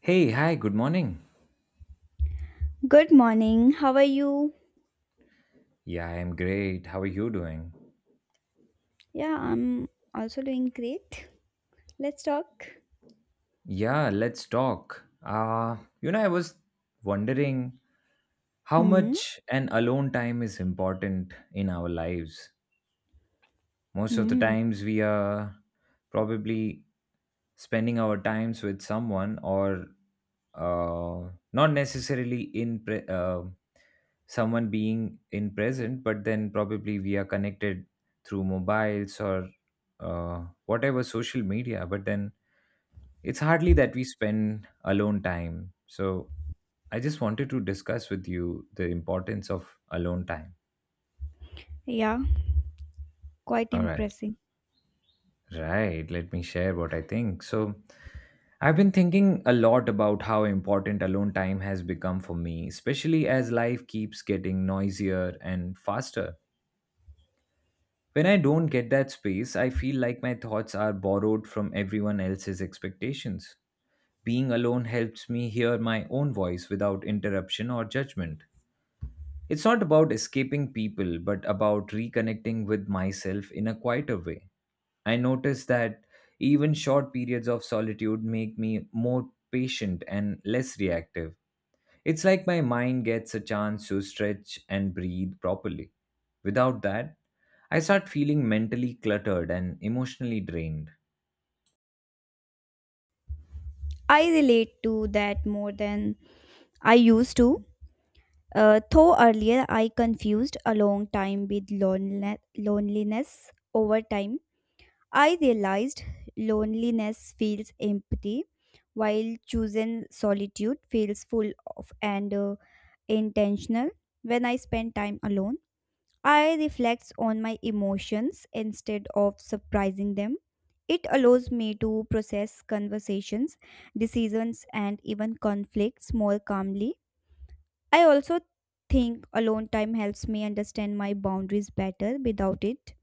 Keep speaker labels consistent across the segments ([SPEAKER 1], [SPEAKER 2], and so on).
[SPEAKER 1] Hey, hi, good morning.
[SPEAKER 2] Good morning. How are you?
[SPEAKER 1] Yeah, I am great. How are you doing?
[SPEAKER 2] Yeah, I'm also doing great. Let's talk.
[SPEAKER 1] Yeah, let's talk. I was wondering how
[SPEAKER 2] Hmm.
[SPEAKER 1] much an alone time is important in our lives. Most of the
[SPEAKER 2] Hmm.
[SPEAKER 1] times we are probably spending our times with someone or not necessarily in someone being in present, but then probably we are connected through mobiles or whatever social media. But then it's hardly that we spend alone time. So I just wanted to discuss with you the importance of alone time.
[SPEAKER 2] Yeah, quite
[SPEAKER 1] All right.
[SPEAKER 2] impressive.
[SPEAKER 1] Right, let me share what I think. So, I've been thinking a lot about how important alone time has become for me, especially as life keeps getting noisier and faster. When I don't get that space, I feel like my thoughts are borrowed from everyone else's expectations. Being alone helps me hear my own voice without interruption or judgment. It's not about escaping people, but about reconnecting with myself in a quieter way. I notice that even short periods of solitude make me more patient and less reactive. It's like my mind gets a chance to stretch and breathe properly. Without that, I start feeling mentally cluttered and emotionally drained.
[SPEAKER 2] I relate to that more than I used to. Though earlier I confused a long time with loneliness. Over time, I realized loneliness feels empty, while choosing solitude feels full of and intentional. When I spend time alone. I reflect on my emotions instead of surprising them. It allows me to process conversations, decisions, and even conflicts more calmly. I also think alone time helps me understand my boundaries better without it.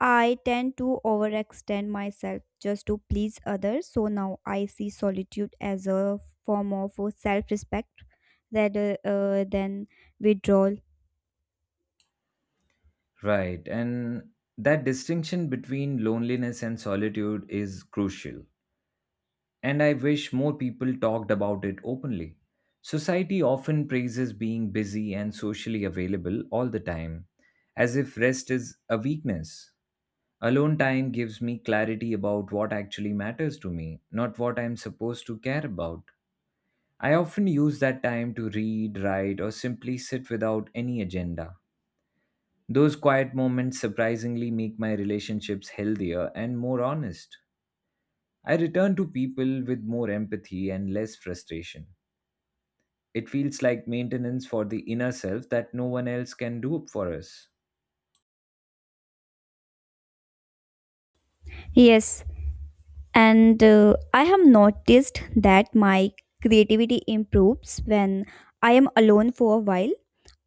[SPEAKER 2] I tend to overextend myself just to please others, so now I see solitude as a form of self respect rather than withdrawal.
[SPEAKER 1] Right, and that distinction between loneliness and solitude is crucial, and I wish more people talked about it openly. Society often praises being busy and socially available all the time, as if rest is a weakness. Alone time gives me clarity about what actually matters to me, not what I'm supposed to care about. I often use that time to read, write, or simply sit without any agenda. Those quiet moments surprisingly make my relationships healthier and more honest. I return to people with more empathy and less frustration. It feels like maintenance for the inner self that no one else can do for us.
[SPEAKER 2] Yes, and I have noticed that my creativity improves when I am alone for a while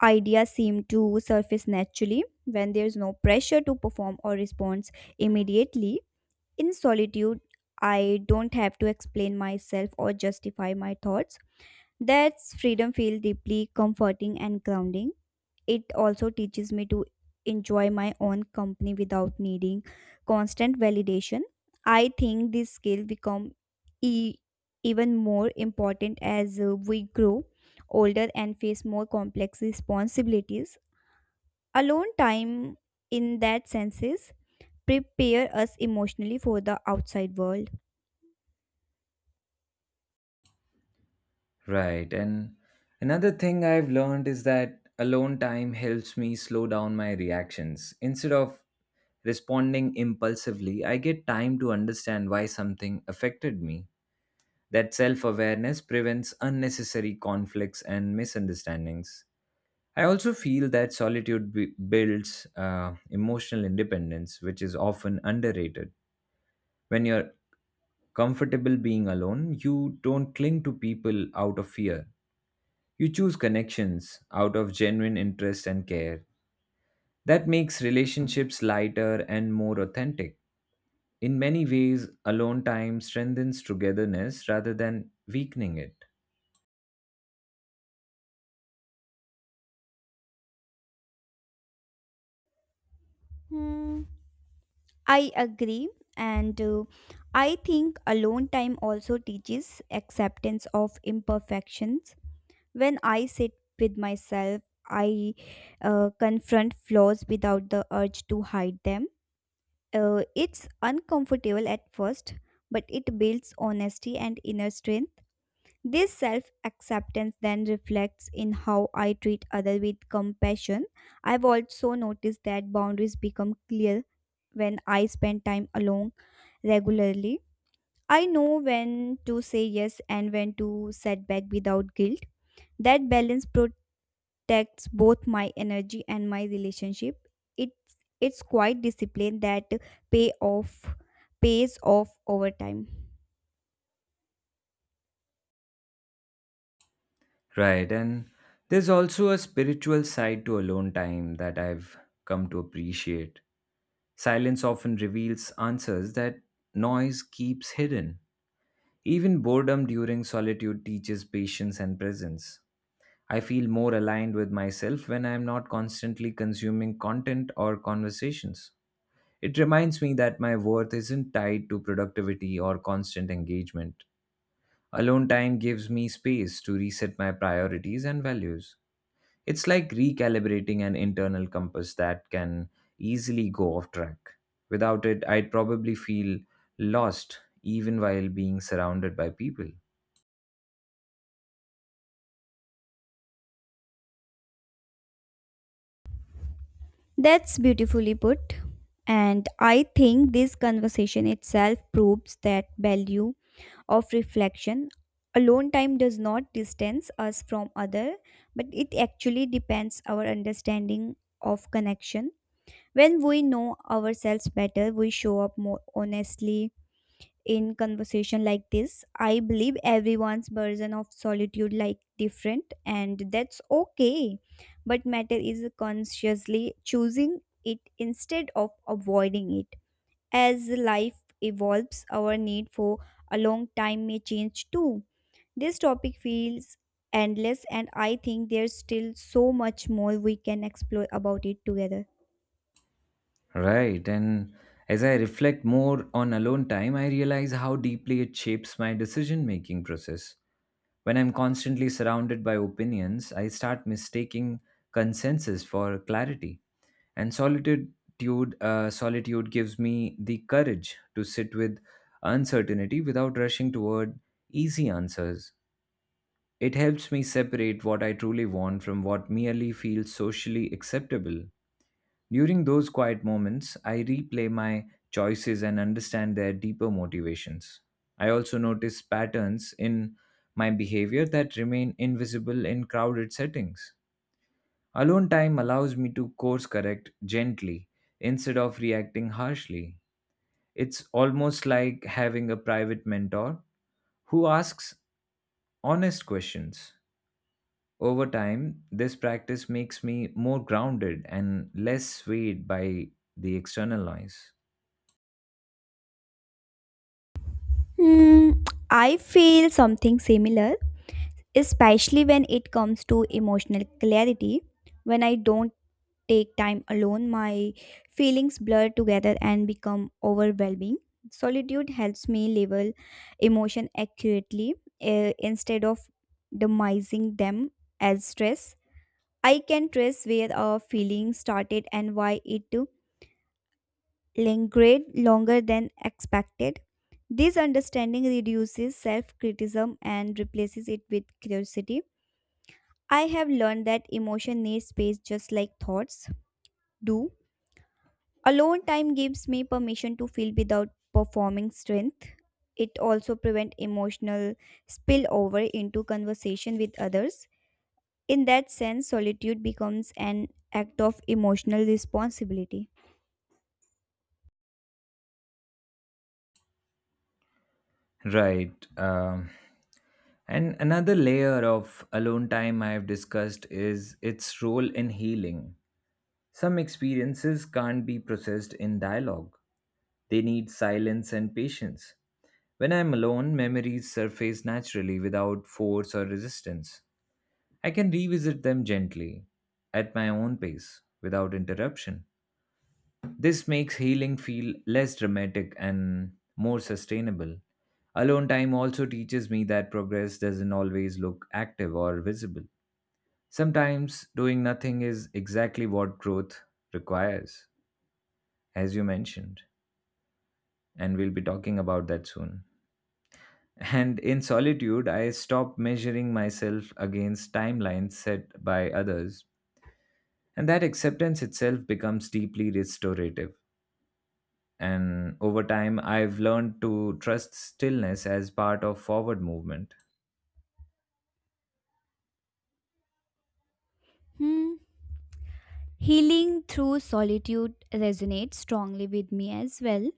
[SPEAKER 2] ideas seem to surface naturally when there's no pressure to perform or respond immediately in solitude I don't have to explain myself or justify my thoughts that's freedom feel deeply comforting and grounding it also teaches me to enjoy my own company without needing constant validation. I think this skill become e- even more important as we grow older and face more complex responsibilities. Alone time in that senses prepare us emotionally for the outside world.
[SPEAKER 1] Right. And another thing I've learned is that alone time helps me slow down my reactions. Instead of responding impulsively, I get time to understand why something affected me. That self awareness prevents unnecessary conflicts and misunderstandings. I also feel that solitude builds emotional independence, which is often underrated. When you're comfortable being alone, you don't cling to people out of fear. You choose connections out of genuine interest and care. That makes relationships lighter and more authentic. In many ways, alone time strengthens togetherness rather than weakening it.
[SPEAKER 2] Hmm, I agree and I think alone time also teaches acceptance of imperfections. When I sit with myself, I confront flaws without the urge to hide them. It's uncomfortable at first, but it builds honesty and inner strength. This self acceptance then reflects in how I treat others with compassion. I've also noticed that boundaries become clear when I spend time alone regularly. I know when to say yes and when to set back without guilt. That balance protects both my energy and my relationship. It's quite discipline that pay off pays off over time.
[SPEAKER 1] Right, and there's also a spiritual side to alone time that I've come to appreciate. Silence often reveals answers that noise keeps hidden. Even boredom during solitude teaches patience and presence. I feel more aligned with myself when I am not constantly consuming content or conversations. It reminds me that my worth isn't tied to productivity or constant engagement. Alone time gives me space to reset my priorities and values. It's like recalibrating an internal compass that can easily go off track. Without it, I'd probably feel lost even while being surrounded by people.
[SPEAKER 2] That's beautifully put. And I think this conversation itself proves that value of reflection. Alone time does not distance us from other, but it actually depends our understanding of connection. When we know ourselves better, we show up more honestly in conversation like this. I believe everyone's version of solitude like different and that's okay. But matter is consciously choosing it instead of avoiding it. As life evolves, our need for a long time may change too. This topic feels endless and I think there's still so much more we can explore about it together.
[SPEAKER 1] Right. And as I reflect more on alone time, I realize how deeply it shapes my decision making process. When I'm constantly surrounded by opinions, I start mistaking consensus for clarity. And solitude gives me the courage to sit with uncertainty without rushing toward easy answers. It helps me separate what I truly want from what merely feels socially acceptable. During those quiet moments, I replay my choices and understand their deeper motivations. I also notice patterns in my behavior that remain invisible in crowded settings. Alone time allows me to course correct gently instead of reacting harshly. It's almost like having a private mentor who asks honest questions. Over time, this practice makes me more grounded and less swayed by the external noise.
[SPEAKER 2] Hmm, I feel something similar, especially when it comes to emotional clarity. When I don't take time alone, my feelings blur together and become overwhelming. Solitude helps me label emotion accurately, instead of demising them as stress. I can trace where a feeling started and why it lingered longer than expected. This understanding reduces self criticism and replaces it with curiosity. I have learned that emotion needs space just like thoughts do. Alone time gives me permission to feel without performing strength. It also prevents emotional spillover into conversation with others. In that sense, solitude becomes an act of emotional responsibility.
[SPEAKER 1] Right. And another layer of alone time I have discussed is its role in healing. Some experiences can't be processed in dialogue, they need silence and patience. When I'm alone, memories surface naturally without force or resistance. I can revisit them gently, at my own pace, without interruption. This makes healing feel less dramatic and more sustainable. Alone time also teaches me that progress doesn't always look active or visible. Sometimes doing nothing is exactly what growth requires, as you mentioned, and we'll be talking about that soon. And in solitude, I stop measuring myself against timelines set by others, and that acceptance itself becomes deeply restorative. And over time, I've learned to trust stillness as part of forward movement.
[SPEAKER 2] Hmm. Healing through solitude resonates strongly with me as well.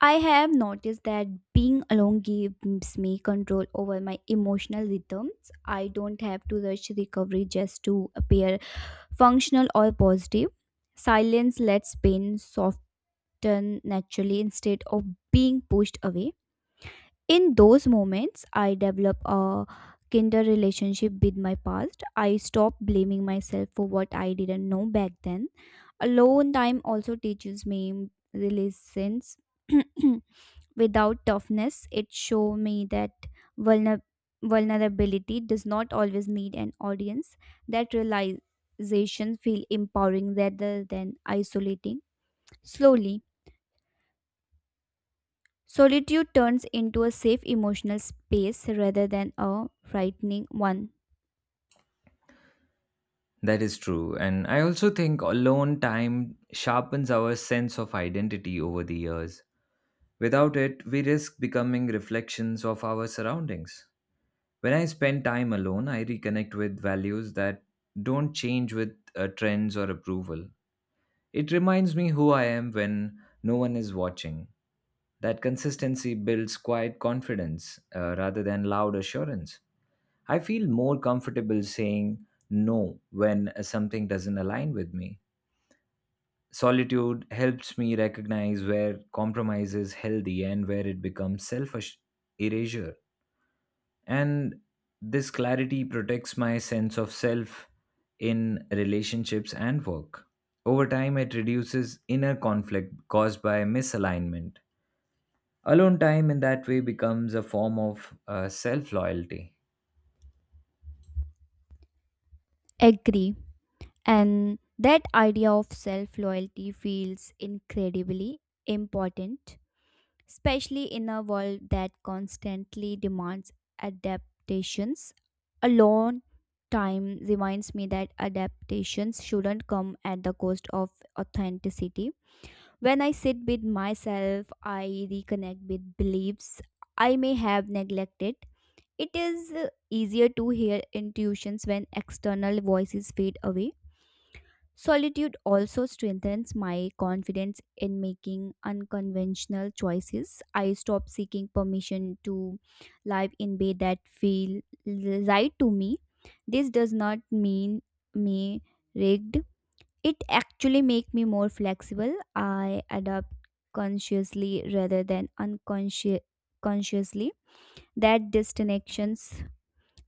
[SPEAKER 2] I have noticed that being alone gives me control over my emotional rhythms. I don't have to rush recovery just to appear functional or positive. Silence lets pain soften naturally instead of being pushed away. In those moments, I develop a kinder relationship with my past. I stop blaming myself for what I didn't know back then. Alone time also teaches me resilience. Without toughness, it showed me that vulner- vulnerability does not always need an audience. That realization feel empowering rather than isolating. Slowly, solitude turns into a safe emotional space rather than a frightening one.
[SPEAKER 1] That is true. And I also think alone time sharpens our sense of identity over the years. Without it, we risk becoming reflections of our surroundings. When I spend time alone, I reconnect with values that don't change with trends or approval. It reminds me who I am when no one is watching. That consistency builds quiet confidence rather than loud assurance. I feel more comfortable saying no when something doesn't align with me. Solitude helps me recognize where compromise is healthy and where it becomes self erasure. And this clarity protects my sense of self in relationships and work. Over time, it reduces inner conflict caused by misalignment. Alone time in that way becomes a form of self loyalty.
[SPEAKER 2] Agree. And that idea of self loyalty feels incredibly important, especially in a world that constantly demands adaptations. Alone time reminds me that adaptations shouldn't come at the cost of authenticity. When I sit with myself, I reconnect with beliefs I may have neglected. It is easier to hear intuitions when external voices fade away. Solitude also strengthens my confidence in making unconventional choices. I stop seeking permission to live in way that feel right to me. This does not mean me rigged. It actually make me more flexible. I adapt consciously rather than unconsciously. That disconnection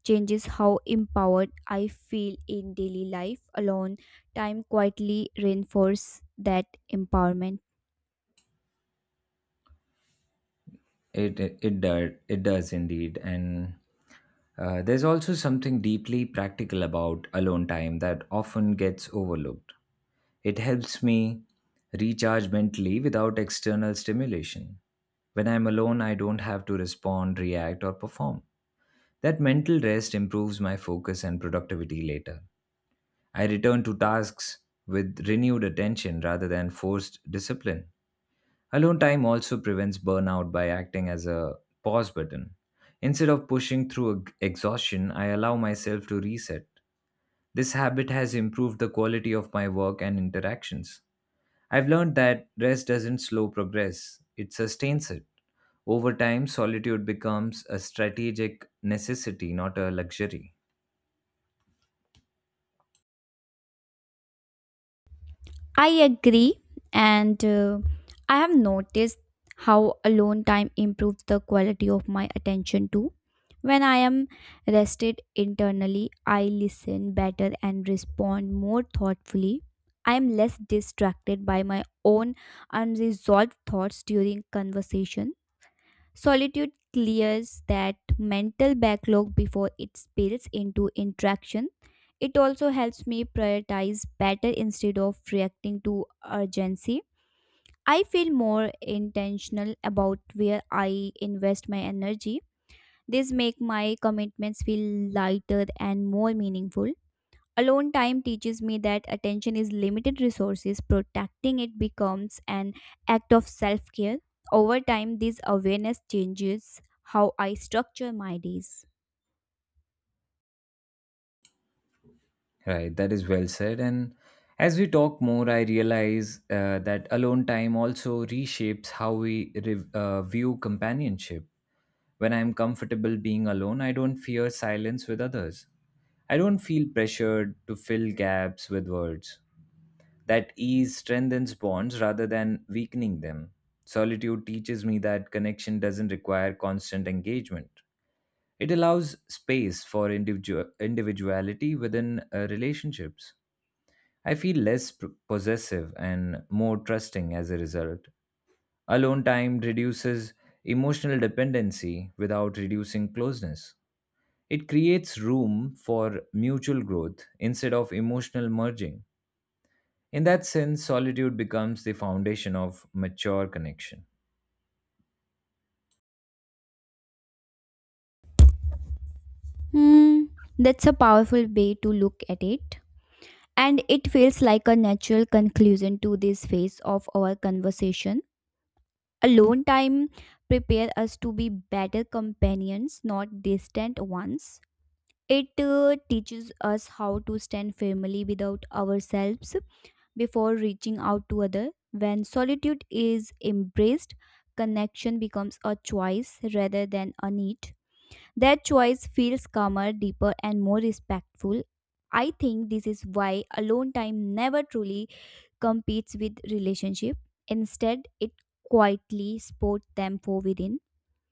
[SPEAKER 2] changes how empowered I feel in daily life. Alone time quietly reinforce that empowerment.
[SPEAKER 1] It does indeed. And there's also something deeply practical about alone time that often gets overlooked. It helps me recharge mentally without external stimulation. When I'm alone, I don't have to respond, react, or perform. That mental rest improves my focus and productivity later. I return to tasks with renewed attention rather than forced discipline. Alone time also prevents burnout by acting as a pause button. Instead of pushing through exhaustion, I allow myself to reset. This habit has improved the quality of my work and interactions. I've learned that rest doesn't slow progress, it sustains it. Over time, solitude becomes a strategic necessity, not a luxury.
[SPEAKER 2] I agree, and I have noticed how alone time improves the quality of my attention too. When I am rested internally, I listen better and respond more thoughtfully. I am less distracted by my own unresolved thoughts during conversation. Solitude clears that mental backlog before it spills into interaction. It also helps me prioritize better instead of reacting to urgency. I feel more intentional about where I invest my energy. This make my commitments feel lighter and more meaningful. Alone time teaches me that attention is limited resources, protecting it becomes an act of self care. Over time, this awareness changes how I structure my days.
[SPEAKER 1] Right, that is well said. And as we talk more, I realize that alone time also reshapes how we view companionship. When I'm comfortable being alone, I don't fear silence with others. I don't feel pressured to fill gaps with words. That ease strengthens bonds rather than weakening them. Solitude teaches me that connection doesn't require constant engagement. It allows space for individual individuality within relationships. I feel less possessive and more trusting as a result. Alone time reduces emotional dependency without reducing closeness. It creates room for mutual growth instead of emotional merging. In that sense, solitude becomes the foundation of mature connection.
[SPEAKER 2] Hmm, that's a powerful way to look at it. And it feels like a natural conclusion to this phase of our conversation. Alone time prepare us to be better companions, not distant ones. It teaches us how to stand firmly without ourselves before reaching out to other. When solitude is embraced, connection becomes a choice rather than a need. That choice feels calmer, deeper, and more respectful. I think this is why alone time never truly competes with relationship. Instead, it quietly supports them for within.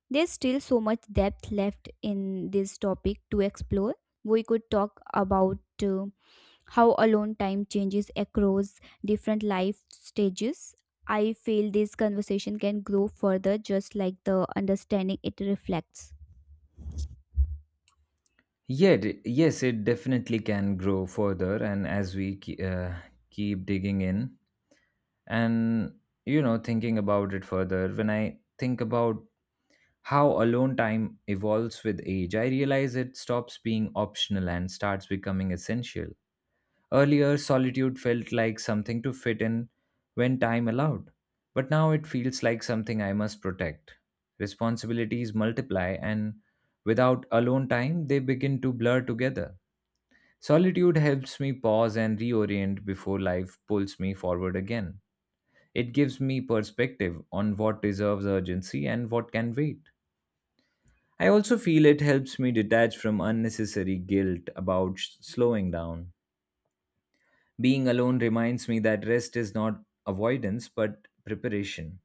[SPEAKER 2] There's still so much depth left in this topic to explore. We could talk about uh, how alone time changes across different life stages. I feel this conversation can grow further, just like the understanding it reflects.
[SPEAKER 1] Yet, yes, it definitely can grow further, and as we keep digging in and thinking about it further, when I think about how alone time evolves with age, I realize it stops being optional and starts becoming essential. Earlier, solitude felt like something to fit in when time allowed, but now it feels like something I must protect. Responsibilities multiply, and without alone time, they begin to blur together. Solitude helps me pause and reorient before life pulls me forward again. It gives me perspective on what deserves urgency and what can wait. I also feel it helps me detach from unnecessary guilt about slowing down. Being alone reminds me that rest is not avoidance but preparation.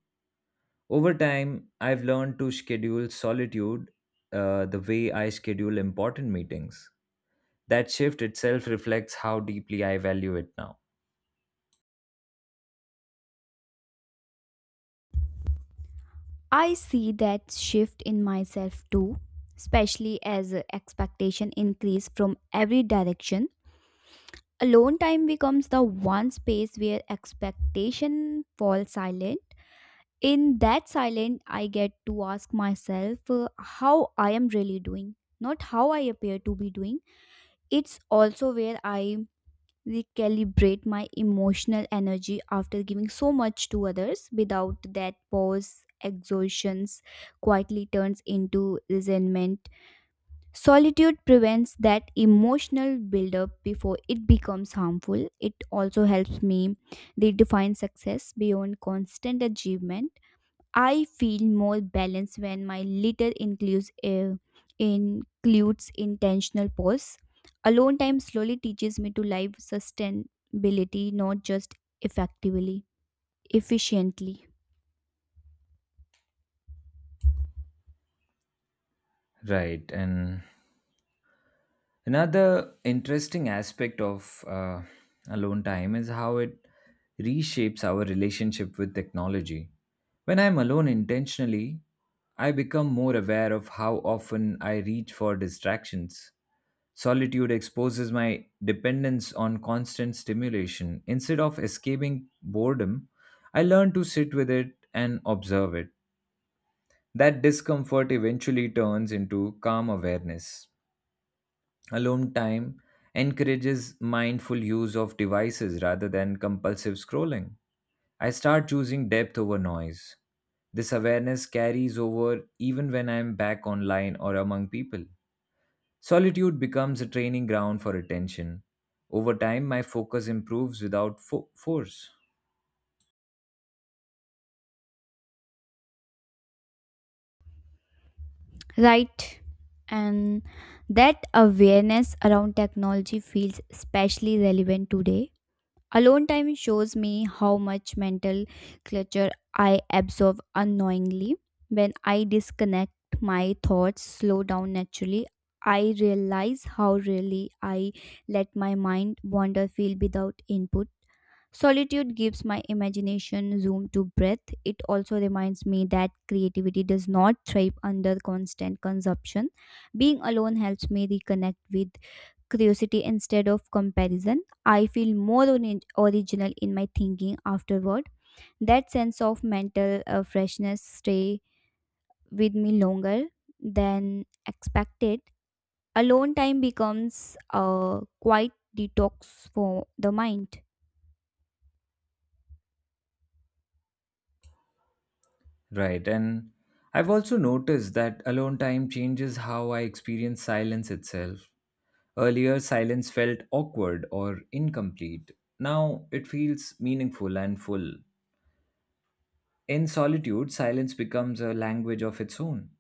[SPEAKER 1] Over time, I've learned to schedule solitude the way I schedule important meetings. That shift itself reflects how deeply I value it now.
[SPEAKER 2] I see that shift in myself too, especially as expectation increase from every direction. Alone time becomes the one space where expectation falls silent. In that silent, I get to ask myself, how I am really doing, not how I appear to be doing. It's also where I recalibrate my emotional energy after giving so much to others. Without that pause, exhaustions quietly turns into resentment. Solitude prevents that emotional buildup before it becomes harmful. It also helps me redefine success beyond constant achievement. I feel more balanced when my litter includes intentional pause. Alone time slowly teaches me to live sustainability, not just effectively, efficiently.
[SPEAKER 1] Right, and another interesting aspect of alone time is how it reshapes our relationship with technology. When I'm alone intentionally, I become more aware of how often I reach for distractions. Solitude exposes my dependence on constant stimulation. Instead of escaping boredom, I learn to sit with it and observe it. That discomfort eventually turns into calm awareness. Alone time encourages mindful use of devices rather than compulsive scrolling. I start choosing depth over noise. This awareness carries over even when I am back online or among people. Solitude becomes a training ground for attention. Over time, my focus improves without force.
[SPEAKER 2] Right. And that awareness around technology feels especially relevant today. Alone time shows me how much mental clutter I absorb unknowingly. When I disconnect, my thoughts slow down naturally. I realize how really I let my mind wander feel without input. Solitude gives my imagination room to breathe. It also reminds me that creativity does not thrive under constant consumption. Being alone helps me reconnect with curiosity instead of comparison. I feel more original in my thinking afterward. That sense of mental freshness stay with me longer than expected. Alone time becomes a quiet detox for the mind.
[SPEAKER 1] Right, and I've also noticed that alone time changes how I experience silence itself. Earlier, silence felt awkward or incomplete. Now, it feels meaningful and full. In solitude, silence becomes a language of its own.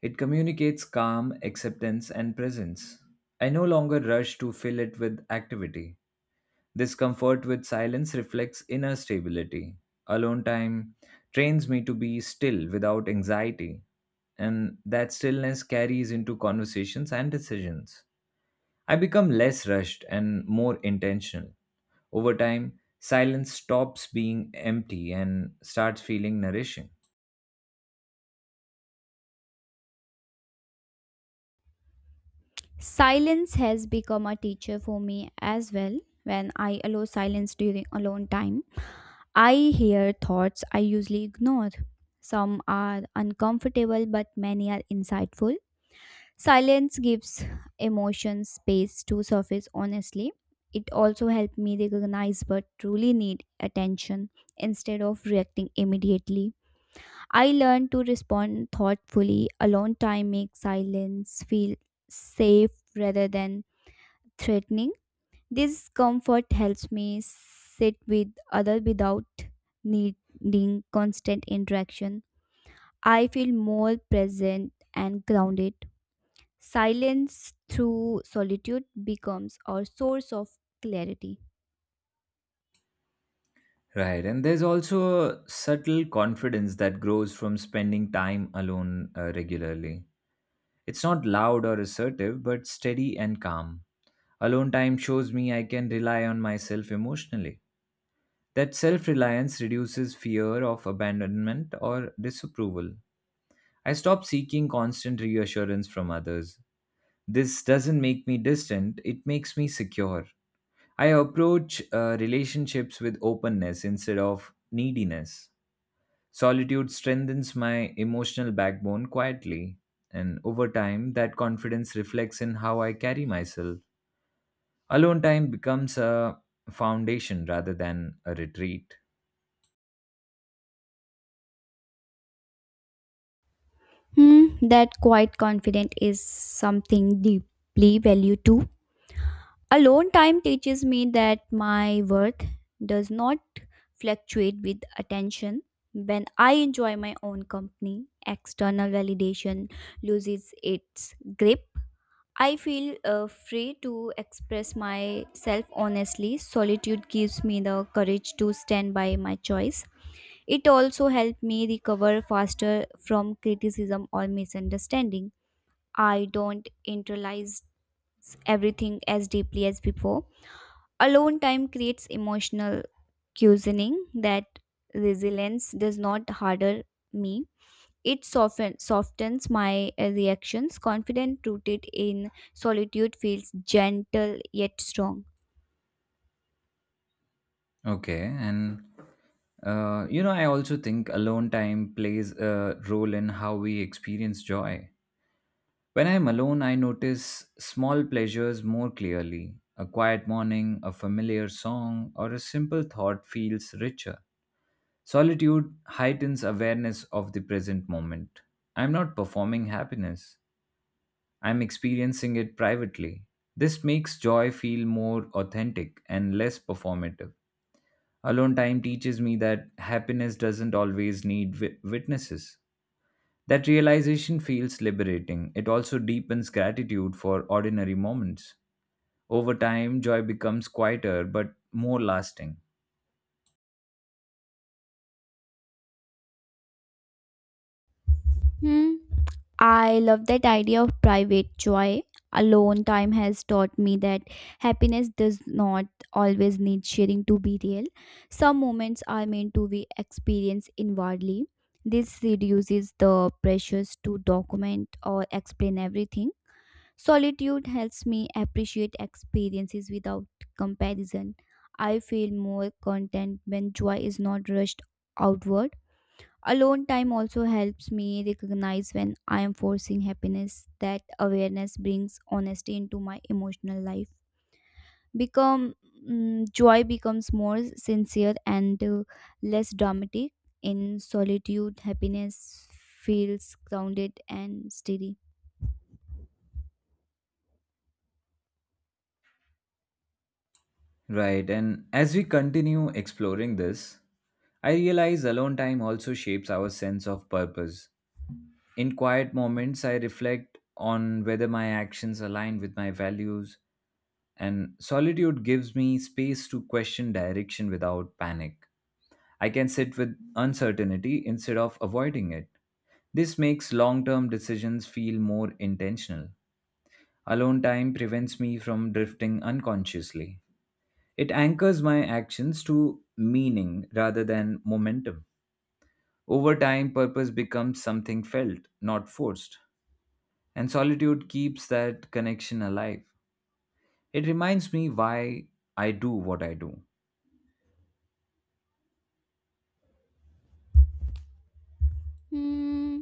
[SPEAKER 1] It communicates calm, acceptance, and presence. I no longer rush to fill it with activity. This comfort with silence reflects inner stability. Alone time trains me to be still without anxiety, and that stillness carries into conversations and decisions. I become less rushed and more intentional. Over time, silence stops being empty and starts feeling nourishing.
[SPEAKER 2] Silence has become a teacher for me as well. When I allow silence during alone time, I hear thoughts I usually ignore. Some are uncomfortable, but many are insightful. Silence gives emotions space to surface honestly. It also helped me recognize what truly need attention instead of reacting immediately. I learned to respond thoughtfully. Alone time makes silence feel safe rather than threatening. This comfort helps me sit with others without needing constant interaction. I feel more present and grounded. Silence through solitude becomes our source of clarity.
[SPEAKER 1] Right, and there's also a subtle confidence that grows from spending time alone regularly. It's not loud or assertive, but steady and calm. Alone time shows me I can rely on myself emotionally. That self reliance reduces fear of abandonment or disapproval. I stop seeking constant reassurance from others. This doesn't make me distant, it makes me secure. I approach relationships with openness instead of neediness. Solitude strengthens my emotional backbone quietly, and over time, that confidence reflects in how I carry myself. Alone time becomes a foundation rather than a retreat.
[SPEAKER 2] Hmm, that quiet confidence is something deeply valued too. Alone time teaches me that my worth does not fluctuate with attention. When I enjoy my own company, external validation loses its grip. I feel free to express myself honestly. Solitude gives me the courage to stand by my choice. It also helped me recover faster from criticism or misunderstanding. I don't internalize everything as deeply as before. Alone time creates emotional cushioning that resilience does not harder me. It softens my reactions. Confident rooted in solitude feels gentle yet strong.
[SPEAKER 1] Okay, and I also think alone time plays a role in how we experience joy. When I am alone, I notice small pleasures more clearly. A quiet morning, a familiar song, or a simple thought feels richer. Solitude heightens awareness of the present moment. I am not performing happiness, I am experiencing it privately. This makes joy feel more authentic and less performative. Alone time teaches me that happiness doesn't always need witnesses. That realization feels liberating. It also deepens gratitude for ordinary moments. Over time, joy becomes quieter but more lasting.
[SPEAKER 2] Hmm. I love that idea of private joy. Alone time has taught me that happiness does not always need sharing to be real. Some moments are meant to be experienced inwardly. This reduces the pressures to document or explain everything. Solitude helps me appreciate experiences without comparison. I feel more content when joy is not rushed outward. Alone time also helps me recognize when I am forcing happiness. That awareness brings honesty into my emotional life. Become joy becomes more sincere and less dramatic. In solitude, happiness feels grounded and steady.
[SPEAKER 1] Right, and as we continue exploring this, I realize alone time also shapes our sense of purpose. In quiet moments, I reflect on whether my actions align with my values, and solitude gives me space to question direction without panic. I can sit with uncertainty instead of avoiding it. This makes long term decisions feel more intentional. Alone time prevents me from drifting unconsciously. It anchors my actions to meaning rather than momentum. Over time, purpose becomes something felt, not forced, and solitude keeps that connection alive. It reminds me why I do what I do.
[SPEAKER 2] Hmm.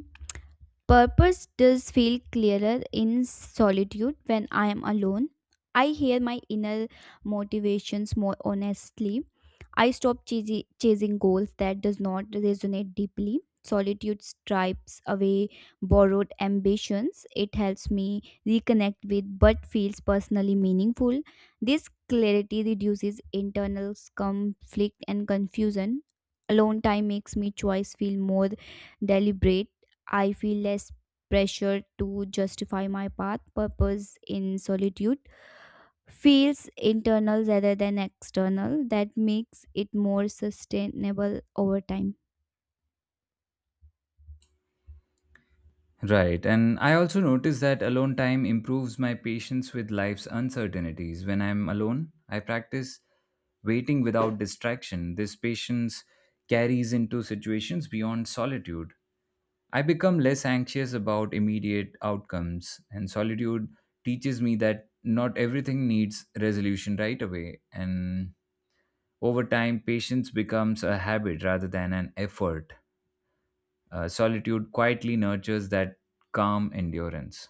[SPEAKER 2] Purpose does feel clearer in solitude when I am alone. I hear my inner motivations more honestly. I stop chasing goals that does not resonate deeply. Solitude stripes away borrowed ambitions. It helps me reconnect with what feels personally meaningful. This clarity reduces internal conflict and confusion. Alone time makes me choice feel more deliberate. I feel less pressure to justify my path. Purpose in solitude feels internal rather than external. That makes it more sustainable over time.
[SPEAKER 1] Right, and I also notice that alone time improves my patience with life's uncertainties. When I'm alone, I practice waiting without distraction. This patience carries into situations beyond solitude. I become less anxious about immediate outcomes, and solitude teaches me that not everything needs resolution right away. And over time, patience becomes a habit rather than an effort. Solitude quietly nurtures that calm endurance.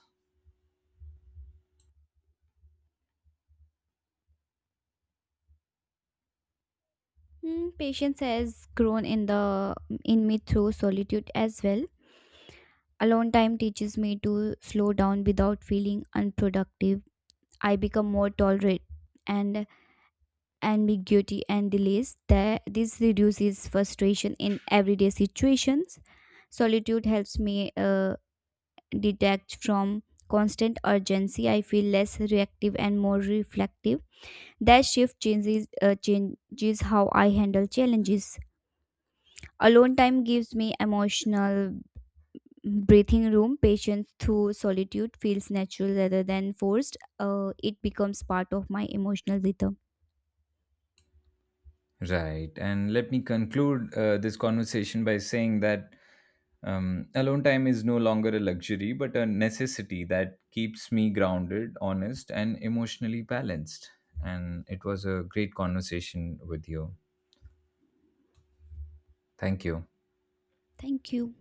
[SPEAKER 2] Hmm, patience has grown in me through solitude as well. Alone time teaches me to slow down without feeling unproductive. I become more tolerant and ambiguity and delays that this reduces frustration in everyday situations. Solitude helps me detach from constant urgency. I feel less reactive and more reflective. That shift changes how I handle challenges. Alone time gives me emotional breathing room. Patience through solitude feels natural rather than forced. It becomes part of my emotional rhythm.
[SPEAKER 1] Right. And let me conclude this conversation by saying that alone time is no longer a luxury, but a necessity that keeps me grounded, honest, and emotionally balanced. And it was a great conversation with you. Thank you.
[SPEAKER 2] Thank you.